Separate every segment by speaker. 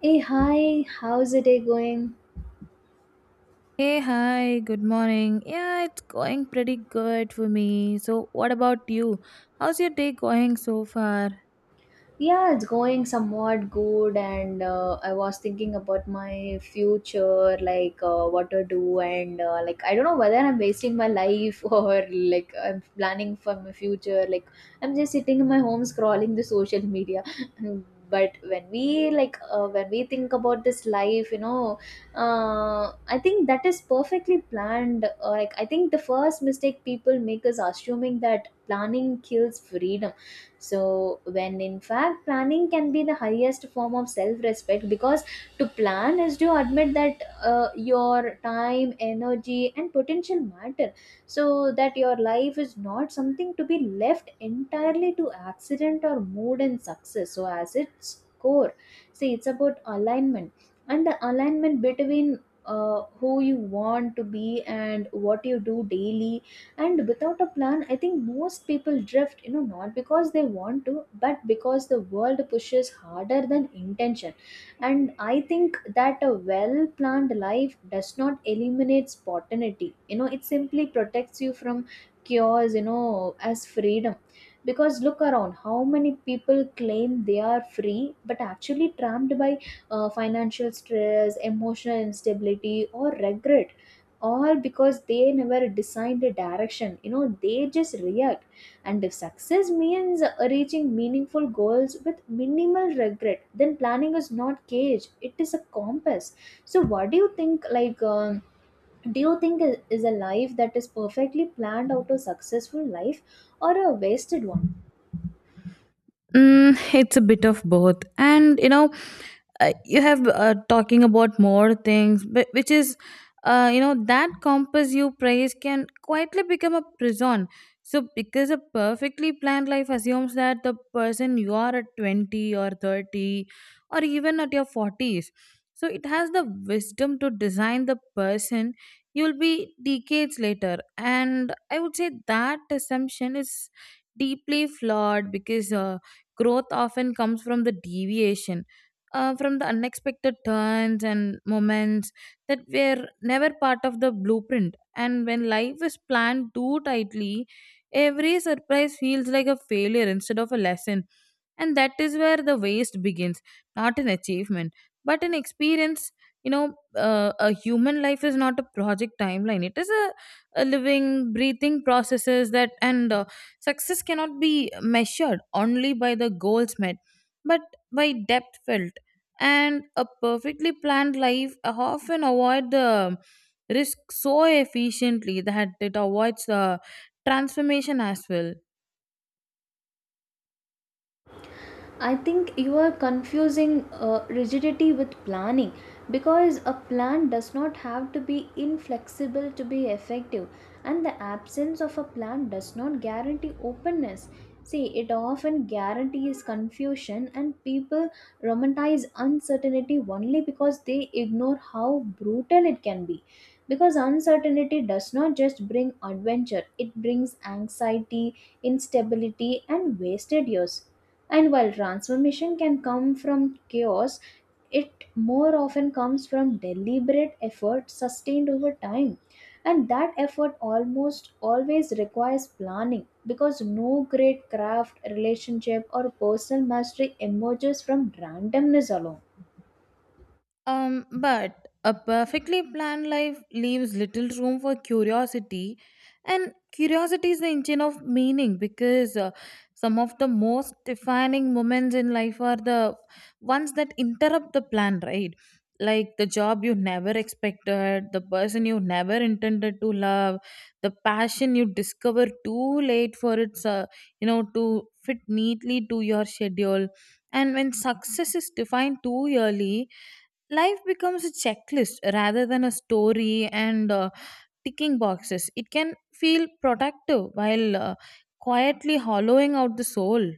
Speaker 1: Hey, hi, how's the day going?
Speaker 2: Hey, hi, good morning. Yeah, it's going pretty good for me. So, what about you? How's your day going so far?
Speaker 1: Yeah, it's going somewhat good, and I was thinking about my future, like what to do, and like I don't know whether I'm wasting my life or like I'm planning for my future. Like I'm just sitting in my home scrolling the social media. But when we think about this life, you know, I think that is perfectly planned. Like I think the first mistake people make is assuming that planning kills freedom, so when in fact planning can be the highest form of self respect, because to plan is to admit that your time, energy and potential matter, so that your life is not something to be left entirely to accident or mood. And success, so as its core, see, it's about alignment, and the alignment between who you want to be and what you do daily. And without a plan, I think most people drift, you know, not because they want to, but because the world pushes harder than intention. And I think that a well planned life does not eliminate spontaneity, you know, it simply protects you from cures, you know, as freedom. Because look around how many people claim they are free but actually trapped by financial stress, emotional instability or regret, all because they never decide the direction, you know, they just react. And if success means reaching meaningful goals with minimal regret, then planning is not cage, it is a compass. So what do you think, like do you think is a life that is perfectly planned out a successful life or a wasted one?
Speaker 2: Mm, it's a bit of both. And you know, you have talking about more things but which is you know that compass you praise can quietly become a prison. So because a perfectly planned life assumes that the person you are at 20 or 30, or even at your 40s, so it has the wisdom to design the person you'll be decades later. And I would say that assumption is deeply flawed because growth often comes from the deviation, from the unexpected turns and moments that were never part of the blueprint. And when life is planned too tightly, every surprise feels like a failure instead of a lesson, and that is where the waste begins. Not an achievement but an experience, you know. A human life is not a project timeline. It is a living breathing processes that, and success cannot be measured only by the goals met, but by depth felt. And a perfectly planned life often avoid the risk so efficiently that it avoids the transformation as well.
Speaker 1: I think you are confusing rigidity with planning, because a plan does not have to be inflexible to be effective, and the absence of a plan does not guarantee openness. See, it often guarantees confusion, and people romanticize uncertainty only because they ignore how brutal it can be. Because uncertainty does not just bring adventure, it brings anxiety, instability and wasted years. And while transformation can come from chaos, it more often comes from deliberate effort sustained over time, and that effort almost always requires planning, because no great craft, relationship or personal mastery emerges from randomness alone.
Speaker 2: But a perfectly planned life leaves little room for curiosity, and curiosity is the engine of meaning because some of the most defining moments in life are the ones that interrupt the plan, right? Like the job you never expected, the person you never intended to love, the passion you discover too late for its, you know, to fit neatly to your schedule. And when success is defined too early, life becomes a checklist rather than a story. And ticking boxes, it can feel productive while quietly hollowing out the soul.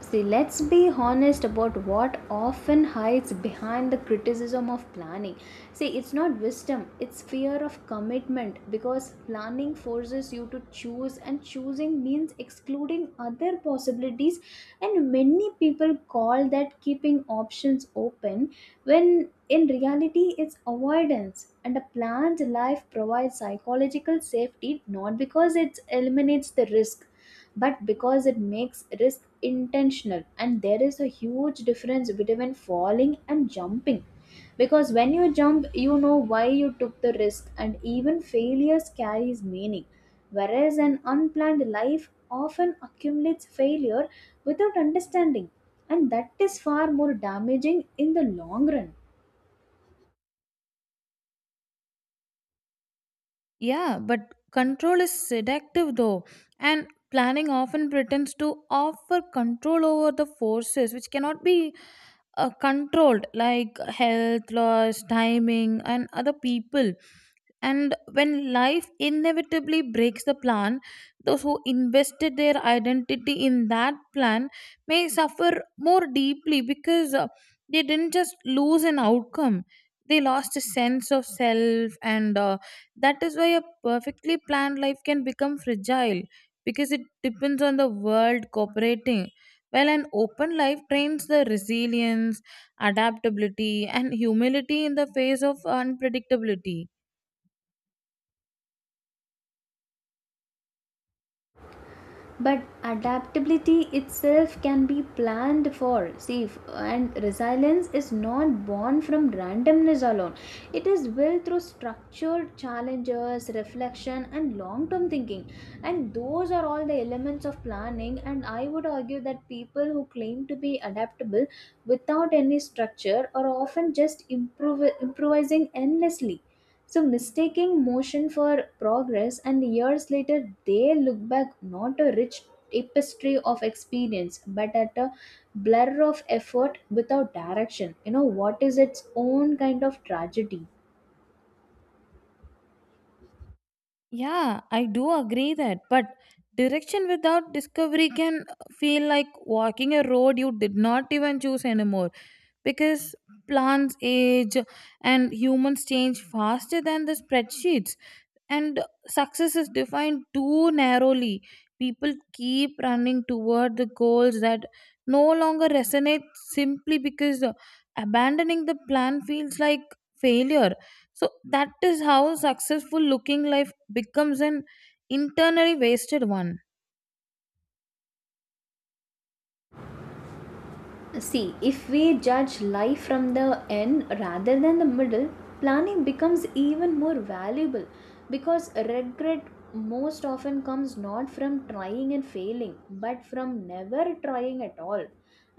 Speaker 1: See, let's be honest about what often hides behind the criticism of planning. See, it's not wisdom, it's fear of commitment, because planning forces you to choose, and choosing means excluding other possibilities. And many people call that keeping options open when in reality it's avoidance. And a planned life provides psychological safety, not because it eliminates the risk, but because it makes risk intentional. And there is a huge difference between falling and jumping, because when you jump you know why you took the risk, and even failures carries meaning, whereas an unplanned life often accumulates failure without understanding, and that is far more damaging in the long run.
Speaker 2: Yeah, but control is seductive though, and planning often pretends to offer control over the forces which cannot be controlled, like health loss, timing, and other people. And when life inevitably breaks the plan, those who invested their identity in that plan may suffer more deeply because they didn't just lose an outcome, they lost a sense of self. And that is why a perfectly planned life can become fragile, because it depends on the world cooperating. While an open life trains the resilience, adaptability, and humility in the face of unpredictability.
Speaker 1: But adaptability itself can be planned for, see and resilience is not born from randomness alone, it is built through structured challenges, reflection and long term thinking, and those are all the elements of planning. And I would argue that people who claim to be adaptable without any structure are often just improvising endlessly, so mistaking motion for progress, and years later, they look back not a rich tapestry of experience, but at a blur of effort without direction. You know, what is its own kind of tragedy?
Speaker 2: Yeah, I do agree that, but direction without discovery can feel like walking a road you did not even choose anymore, because plants age and humans change faster than the spreadsheets. And success is defined too narrowly. People keep running toward the goals that no longer resonate, simply because abandoning the plan feels like failure. So that is how successful looking life becomes an internally wasted one.
Speaker 1: See, if we judge life from the end rather than the middle, planning becomes even more valuable, because regret most often comes not from trying and failing but from never trying at all.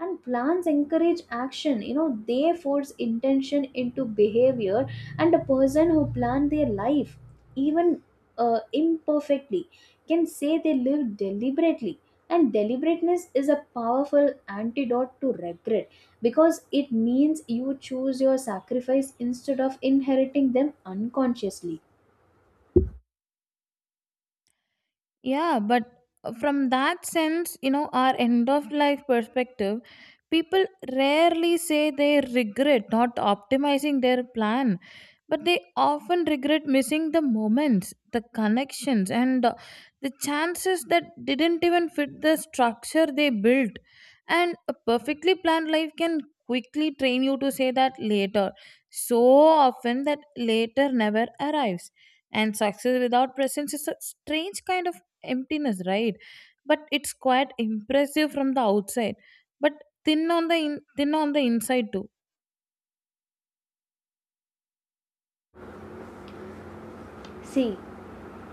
Speaker 1: And plans encourage action, you know, they force intention into behavior, and a person who plans their life, even imperfectly, can say they live deliberately, and deliberateness is a powerful antidote to regret, because it means you choose your sacrifice instead of inheriting them unconsciously.
Speaker 2: Yeah, but from that sense, you know, our end of life perspective, people rarely say they regret not optimizing their plan, but they often regret missing the moments, the connections, and the chances that didn't even fit the structure they built. And a perfectly planned life can quickly train you to say that later so often that later never arrives. And success without presence is a strange kind of emptiness, right? But it's quite impressive from the outside, but thin on the in, thin on the inside too.
Speaker 1: See,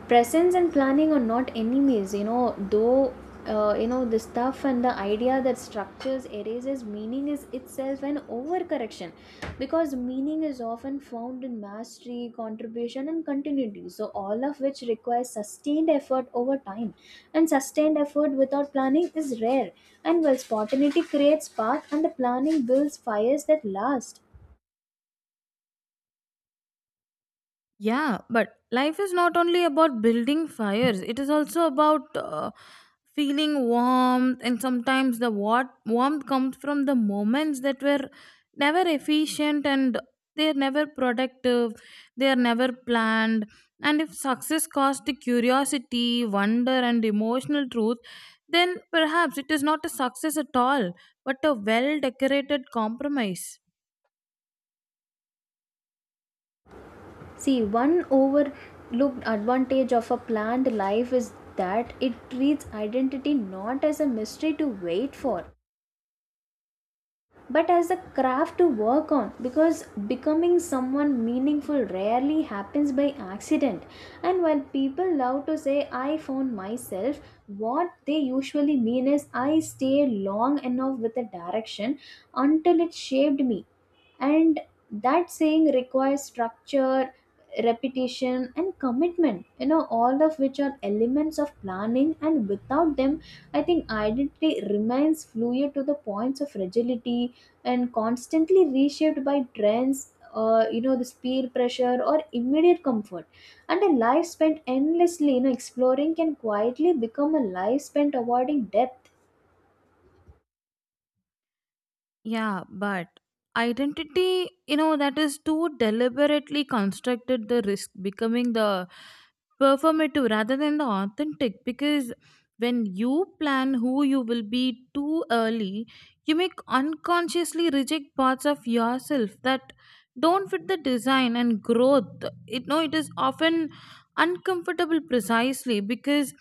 Speaker 1: presence and planning are not enemies, you know, though, you know, the stuff and the idea that structures erases meaning is itself an overcorrection, because meaning is often found in mastery, contribution and continuity, so all of which requires sustained effort over time, and sustained effort without planning is rare. And while spontaneity creates path, and the planning builds fires that last.
Speaker 2: Yeah, but life is not only about building fires, it is also about feeling warmth. And sometimes the warmth comes from the moments that were never efficient, and they are never productive, they are never planned. And if success caused the curiosity, wonder, and emotional truth, then perhaps it is not a success at all, but a well decorated compromise.
Speaker 1: See, one overlooked advantage of a planned life is that it treats identity not as a mystery to wait for, but as a craft to work on, because becoming someone meaningful rarely happens by accident. And while people love to say, I found myself, what they usually mean is, I stayed long enough with a direction until it shaped me, and that saying requires structure, repetition and commitment, you know, all of which are elements of planning, and without them I think identity remains fluid to the points of fragility, and constantly reshaped by trends, you know, this peer pressure or immediate comfort. And a life spent endlessly, you know, exploring can quietly become a life spent avoiding depth.
Speaker 2: Yeah, but identity, you know, that is too deliberately constructed the risk becoming the performative rather than the authentic. Because when you plan who you will be too early, you may unconsciously reject parts of yourself that don't fit the design and growth. It no, it is often uncomfortable precisely because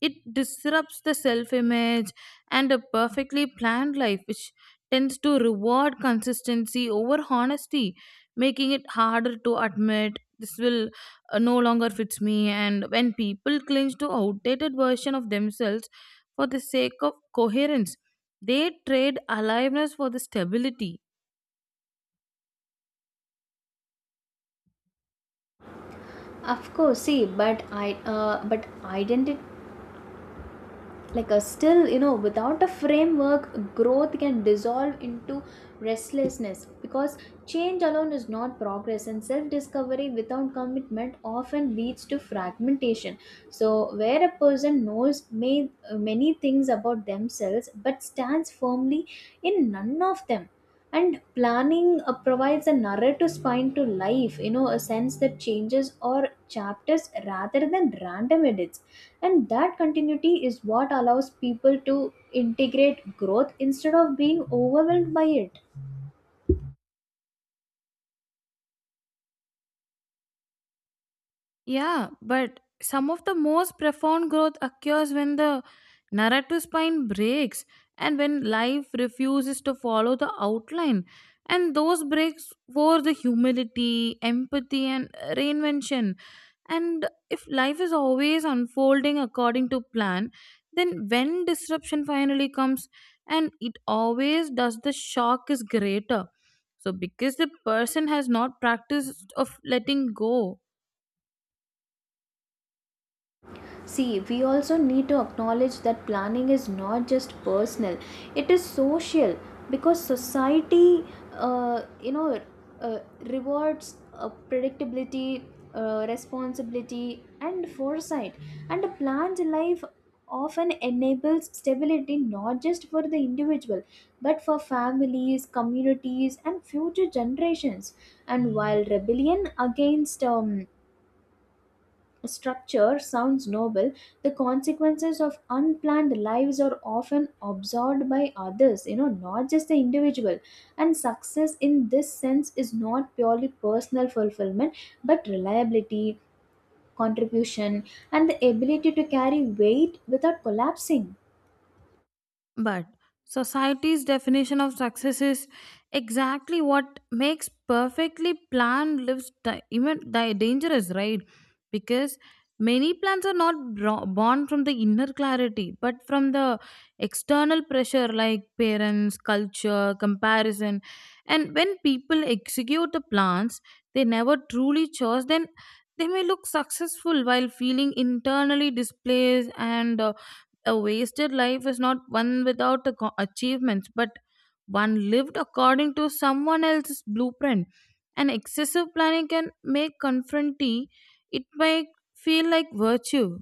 Speaker 2: it disrupts the self image. And a perfectly planned life, which tends to reward consistency over honesty, making it harder to admit this will no longer fits me. And when people cling to outdated version of themselves for the sake of coherence, they trade aliveness for the stability.
Speaker 1: Of course, see, but I but identity, like a still, you know, without a framework, growth can dissolve into restlessness, because change alone is not progress, and self discovery without commitment often leads to fragmentation, so where a person knows many things about themselves but stands firmly in none of them. And planning provides a narrative spine to life, you know, a sense that changes or chapters rather than random edits, and that continuity is what allows people to integrate growth instead of being overwhelmed by it.
Speaker 2: Yeah, but some of the most profound growth occurs when the narrative spine breaks, and when life refuses to follow the outline. And those breaks for the humility, empathy, and reinvention. And if life is always unfolding according to plan, then when disruption finally comes, and it always does, the shock is greater. So, because the person has not practiced of letting go.
Speaker 1: See, we also need to acknowledge that planning is not just personal, it is social, because society, uh, you know, uh, rewards predictability, responsibility, and foresight. And a planned life often enables stability not just for the individual but for families, communities, and future generations. And while rebellion against structure sounds noble, the consequences of unplanned lives are often absorbed by others, you know, not just the individual. And success in this sense is not purely personal fulfillment, but reliability, contribution, and the ability to carry weight without collapsing.
Speaker 2: But society's definition of success is exactly what makes perfectly planned lives dangerous, right? Because many plans are not born from the inner clarity, but from the external pressure, like parents, culture, comparison. And when people execute the plans they never truly chose, then they may look successful while feeling internally displaced. And a wasted life is not one without achievements, but one lived according to someone else's blueprint. And excessive planning can make confronty, it might feel like virtue.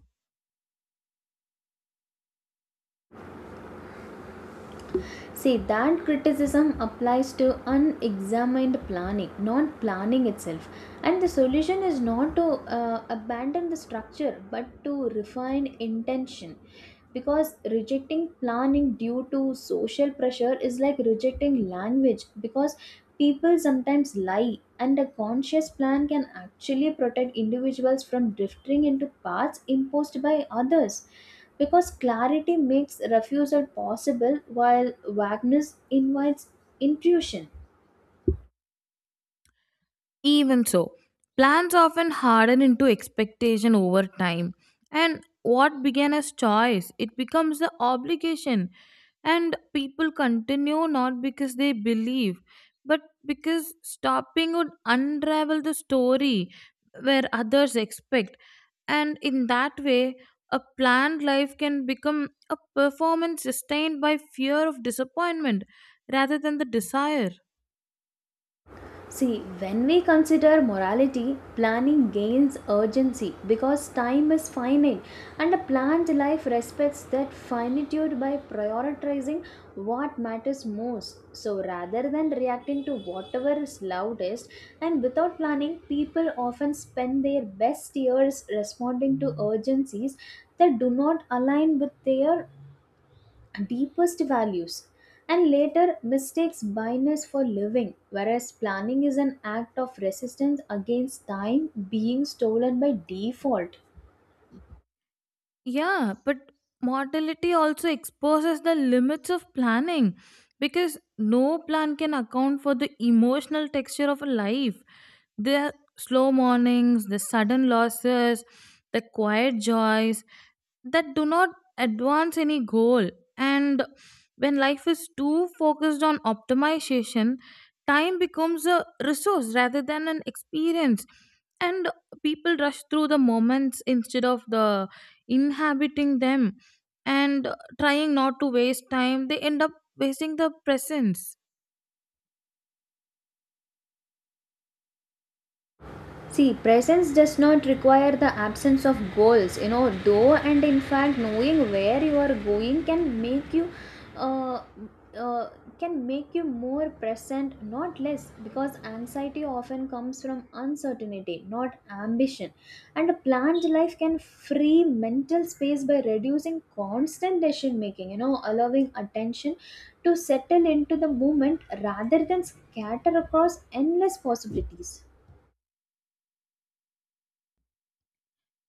Speaker 1: See, that criticism applies to unexamined planning, not planning itself. And the solution is not to abandon the structure but to refine intention. Because rejecting planning due to social pressure is like rejecting language because people sometimes lie, and a conscious plan can actually protect individuals from drifting into paths imposed by others, because clarity makes refusal possible while vagueness invites intuition.
Speaker 2: Even so, plans often harden into expectation over time. And what began as choice, it becomes the obligation. And people continue not because they believe, but because stopping would unravel the story where others expect. And in that way, a planned life can become a performance sustained by fear of disappointment rather than the desire.
Speaker 1: See, when we consider morality, planning gains urgency because time is finite, and a planned life respects that finitude by prioritizing what matters most. So, rather than reacting to whatever is loudest, and without planning, people often spend their best years responding to urgencies that do not align with their deepest values, and later mistakes blindness for living, whereas planning is an act of resistance against time being stolen by default.
Speaker 2: Yeah, but mortality also exposes the limits of planning, because no plan can account for the emotional texture of a life. The slow mornings, the sudden losses, the quiet joys that do not advance any goal. And when life is too focused on optimization, time becomes a resource rather than an experience. And people rush through the moments instead of the inhabiting them, and trying not to waste time they end up wasting the presence.
Speaker 1: See, presence does not require the absence of goals, you know, though, and in fact, knowing where you are going can make you. Uh, uh, can make you more present, not less, because anxiety often comes from uncertainty, not ambition, and a planned life can free mental space by reducing constant decision making, you know, allowing attention to settle into the moment rather than scatter across endless possibilities.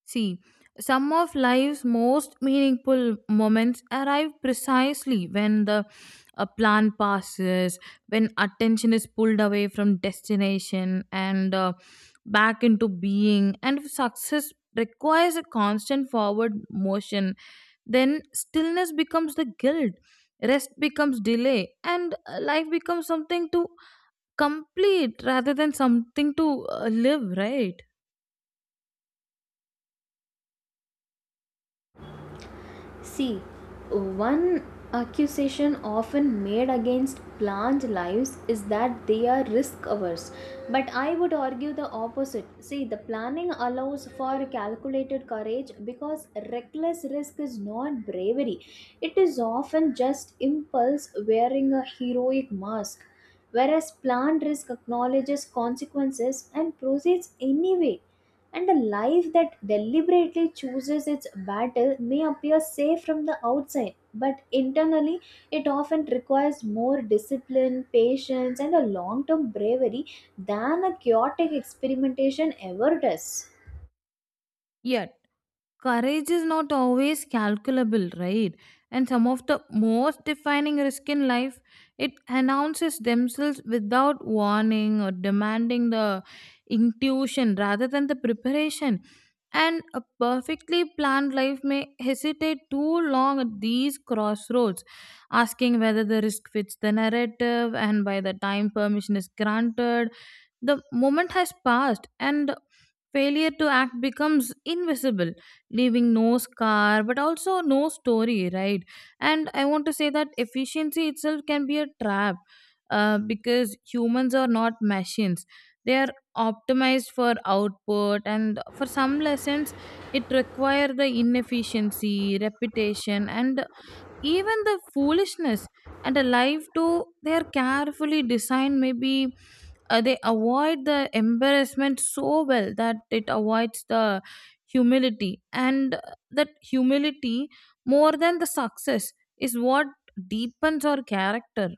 Speaker 2: See, some of life's most meaningful moments arrive precisely when the a plan passes, when attention is pulled away from destination and back into being. And if success requires a constant forward motion, then stillness becomes the guilt, rest becomes delay, and life becomes something to complete rather than something to live, right?
Speaker 1: See, one accusation often made against plant lives is that they are risk averse. But I would argue the opposite. See, the planning allows for calculated courage, because reckless risk is not bravery, it is often just impulse wearing a heroic mask. Whereas plant risk acknowledges consequences and proceeds anyway, and a life that deliberately chooses its battle may appear safe from the outside, but internally it often requires more discipline, patience, and a long term bravery than a chaotic experimentation ever does.
Speaker 2: Yet courage is not always calculable, right? And some of the most defining risk in life, it announces themselves without warning or demanding the intuition rather than the preparation. And a perfectly planned life may hesitate too long at these crossroads, asking whether the risk fits the narrative. And by the time permission is granted, the moment has passed, and failure to act becomes invisible, leaving no scar but also no story, right? And I want to say that efficiency itself can be a trap, because humans are not machines. They are optimized for output, and for some lessons it require the inefficiency repetition and even the foolishness. And a life too, they are carefully designed, maybe they avoid the embarrassment so well that it avoids the humility. And that humility, more than the success, is what deepens our character.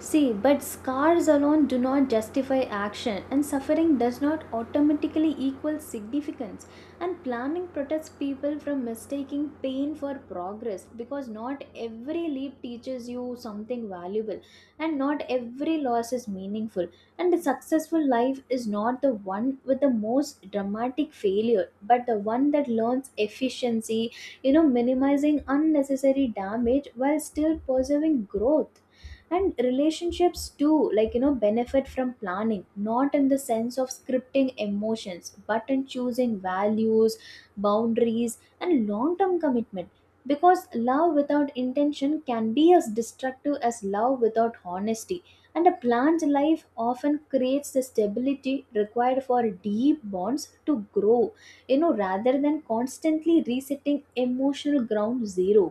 Speaker 1: See, but scars alone do not justify action, and suffering does not automatically equal significance. And planning protects people from mistaking pain for progress, because not every leap teaches you something valuable, and not every loss is meaningful. And a successful life is not the one with the most dramatic failure, but the one that learns efficiency, you know, minimizing unnecessary damage while still preserving growth. And relationships too, like, you know, benefit from planning, not in the sense of scripting emotions but in choosing values, boundaries and long term commitment, because love without intention can be as destructive as love without honesty, and a planned life often creates the stability required for deep bonds to grow, you know, rather than constantly resetting emotional ground zero.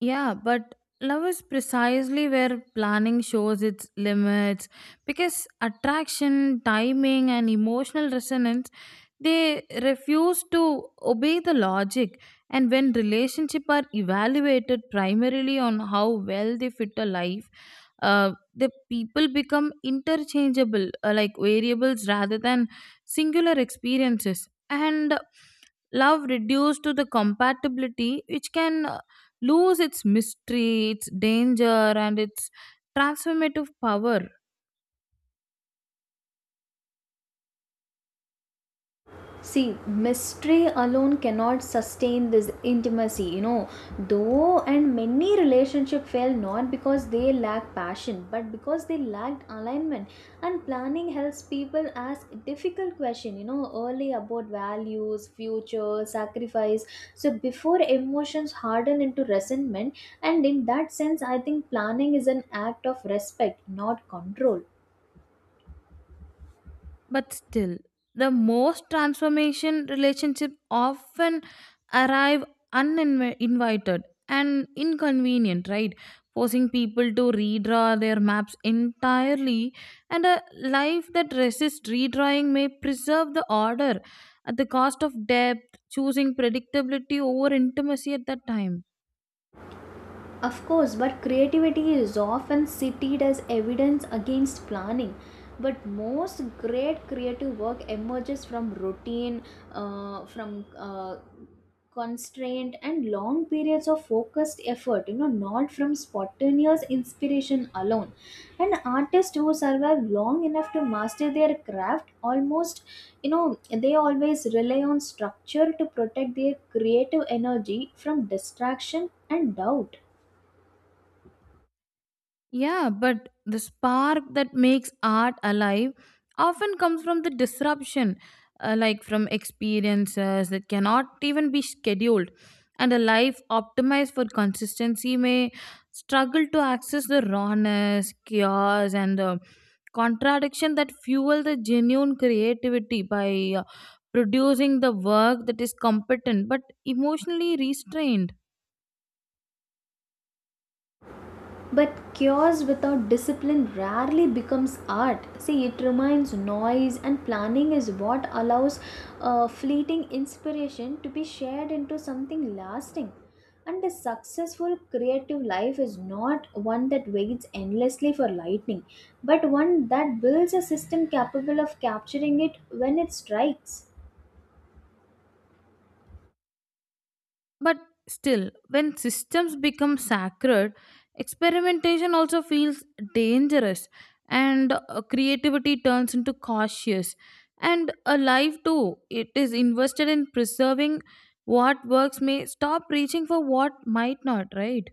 Speaker 2: Yeah, but love is precisely where planning shows its limits, because attraction timing and emotional resonance, they refuse to obey the logic. And when relationship are evaluated primarily on how well they fit a life, the people become interchangeable, like variables rather than singular experiences. And love reduced to the compatibility, which can lose its mystery, its danger, and its transformative power.
Speaker 1: See, mystery alone cannot sustain this intimacy, you know. Though, and many relationships fail not because they lack passion, but because they lacked alignment. And planning helps people ask difficult questions, you know, early about values, future, sacrifice. So, before emotions harden into resentment, and in that sense, I think planning is an act of respect, not control.
Speaker 2: But still, the most transformation relationships often arrive uninvited and inconvenient, right? Forcing people to redraw their maps entirely. And a life that resists redrawing may preserve the order at the cost of depth, choosing predictability over intimacy at that time.
Speaker 1: Of course, but creativity is often cited as evidence against planning. But most great creative work emerges from routine, from constraint, and long periods of focused effort, you know, not from spontaneous inspiration alone. And artists who survive long enough to master their craft almost, you know, they always rely on structure to protect their creative energy from distraction and doubt.
Speaker 2: Yeah, but the spark that makes art alive often comes from the disruption, like from experiences that cannot even be scheduled. And a life optimized for consistency may struggle to access the rawness, chaos, and the contradiction that fuel the genuine creativity, by producing the work that is competent but emotionally restrained.
Speaker 1: But chaos without discipline rarely becomes art. See, it remains noise, and planning is what allows fleeting inspiration to be shared into something lasting. And a successful creative life is not one that waits endlessly for lightning, but one that builds a system capable of capturing it when it strikes.
Speaker 2: But still, when systems become sacred, experimentation also feels dangerous, and creativity turns into cautious. And a life too, it is invested in preserving what works, may stop reaching for what might not, right?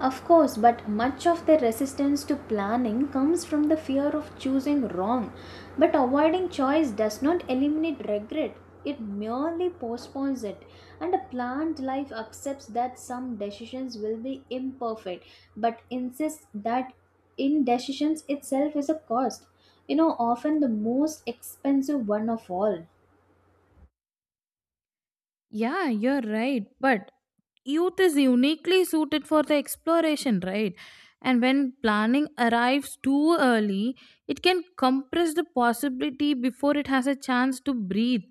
Speaker 1: Of course, but much of their resistance to planning comes from the fear of choosing wrong. But avoiding choice does not eliminate regret, it merely postpones it. And a planned life accepts that some decisions will be imperfect, but insists that indecisions itself is a cost. You know, often the most expensive one of all.
Speaker 2: Yeah, you're right. But youth is uniquely suited for the exploration, right? And when planning arrives too early, it can compress the possibility before it has a chance to breathe,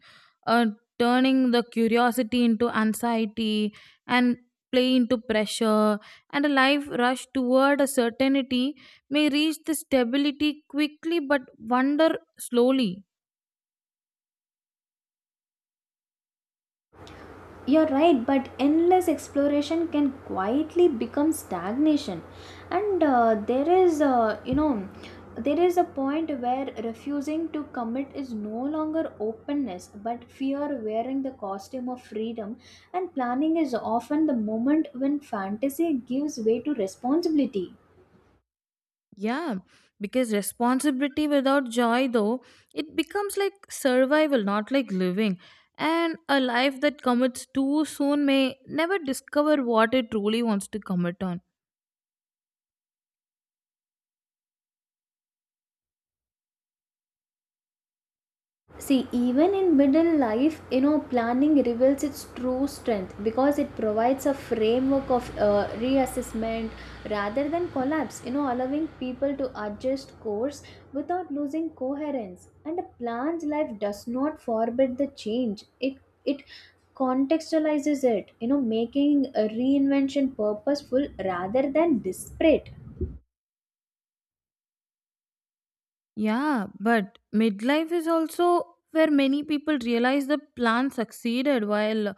Speaker 2: uh, turning the curiosity into anxiety and play into pressure. And a life rush toward a certainty may reach the stability quickly but wonder slowly.
Speaker 1: You're right, but endless exploration can quietly become stagnation. And you know, there is a point where refusing to commit is no longer openness, but fear wearing the costume of freedom. And planning is often the moment when fantasy gives way to responsibility.
Speaker 2: Yeah, because responsibility without joy, though, it becomes like survival, not like living. And a life that commits too soon may never discover what it truly wants to commit on.
Speaker 1: See, even in middle life, you know, planning reveals its true strength because it provides a framework of reassessment rather than collapse, you know, allowing people to adjust course without losing coherence. And a plan's life does not forbid the change, it contextualizes it, you know, making a reinvention purposeful rather than disparate.
Speaker 2: Yeah, but midlife is also where many people realize the plan succeeded while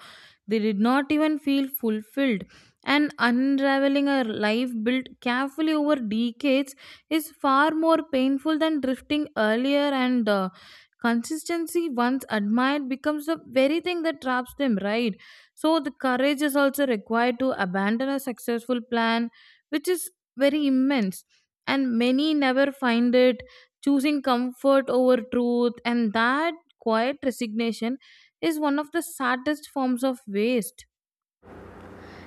Speaker 2: they did not even feel fulfilled. And unraveling a life built carefully over decades is far more painful than drifting earlier. And consistency once admired becomes the very thing that traps them, right? So, the courage is also required to abandon a successful plan, which is very immense, and many never find it, choosing comfort over truth. And that quiet resignation is one of the saddest forms of waste.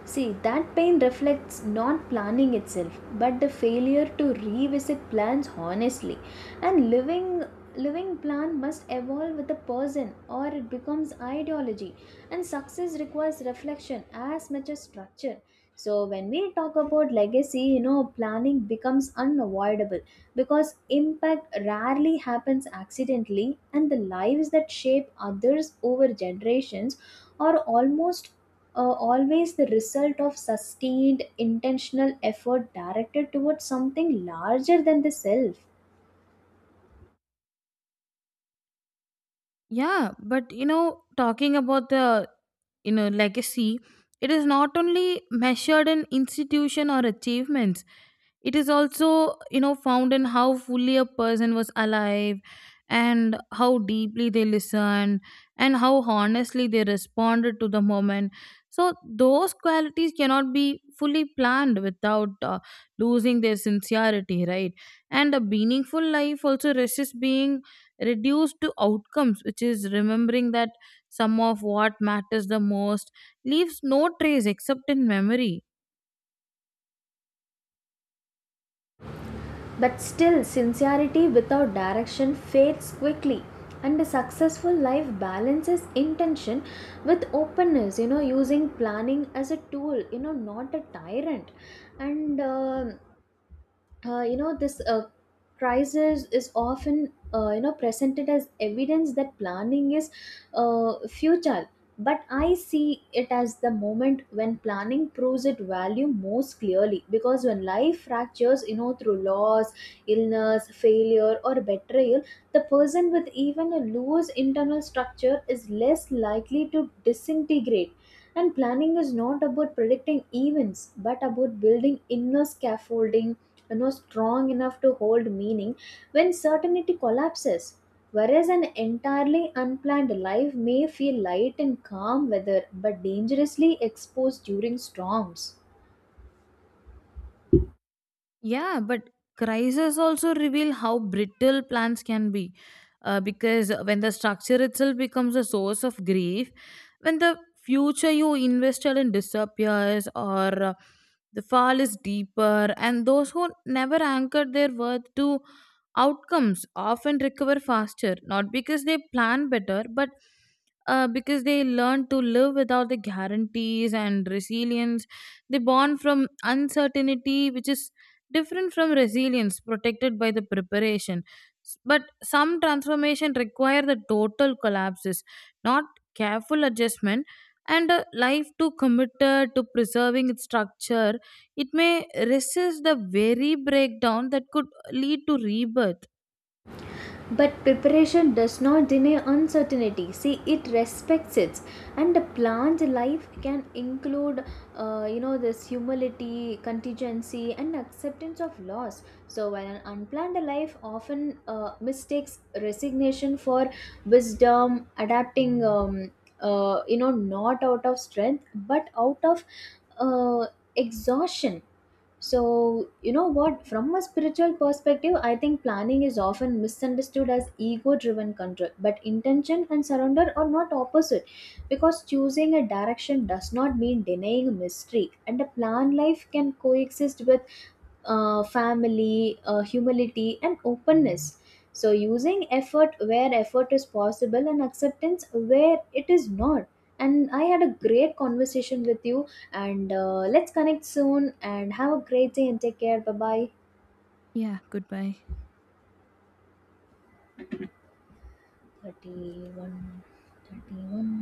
Speaker 1: See, that pain reflects not planning itself, but the failure to revisit plans honestly. And living plan must evolve with the person or it becomes ideology. And success requires reflection as much as structure. So when we talk about legacy, you know, planning becomes unavoidable because impact rarely happens accidentally, and the lives that shape others over generations are almost always the result of sustained intentional effort directed towards something larger than the self.
Speaker 2: Yeah, but you know, talking about the, you know, legacy, it is not only measured in institution or achievements. It is also, you know, found in how fully a person was alive, and how deeply they listened, and how honestly they responded to the moment. So, those qualities cannot be fully planned without losing their sincerity, right? And a meaningful life also resists being reduced to outcomes, which is remembering that some of what matters the most leaves no trace except in memory.
Speaker 1: But still, sincerity without direction fades quickly. And a successful life balances intention with openness, you know, using planning as a tool, you know, not a tyrant. And you know, this crisis is often you know, presented as evidence that planning is futile, but I see it as the moment when planning proves its value most clearly, because when life fractures, you know, through loss, illness, failure or betrayal, the person with even a loose internal structure is less likely to disintegrate, and planning is not about predicting events but about building inner scaffolding, you know, strong enough to hold meaning when certainty collapses, whereas an entirely unplanned life may feel light and calm weather but dangerously exposed during storms.
Speaker 2: Yeah, but crises also reveal how brittle plans can be. Because when the structure itself becomes a source of grief, when the future you invested in disappears, or the fall is deeper, and those who never anchored their worth to outcomes often recover faster, not because they plan better, but because they learn to live without the guarantees. And resilience, they born from uncertainty, which is different from resilience protected by the preparation. But some transformation require the total collapses, not careful adjustment. And a life too committed to preserving its structure, it may resist the very breakdown that could lead to rebirth.
Speaker 1: But preparation does not deny uncertainty. See, it respects it, and the planned life can include, you know, this humility, contingency, and acceptance of loss. So, while an unplanned life often mistakes resignation for wisdom, adapting, you know, not out of strength but out of uh, exhaustion. So, you know what? From a spiritual perspective, I think planning is often misunderstood as ego driven control. But intention and surrender are not opposite, because choosing a direction does not mean denying a mystery, and a planned life can coexist with family, humility, and openness. So, using effort where effort is possible and acceptance where it is not. And I had a great conversation with you, and let's connect soon and have a great day and take care. Bye bye.
Speaker 2: Yeah, goodbye.
Speaker 1: 31, 31.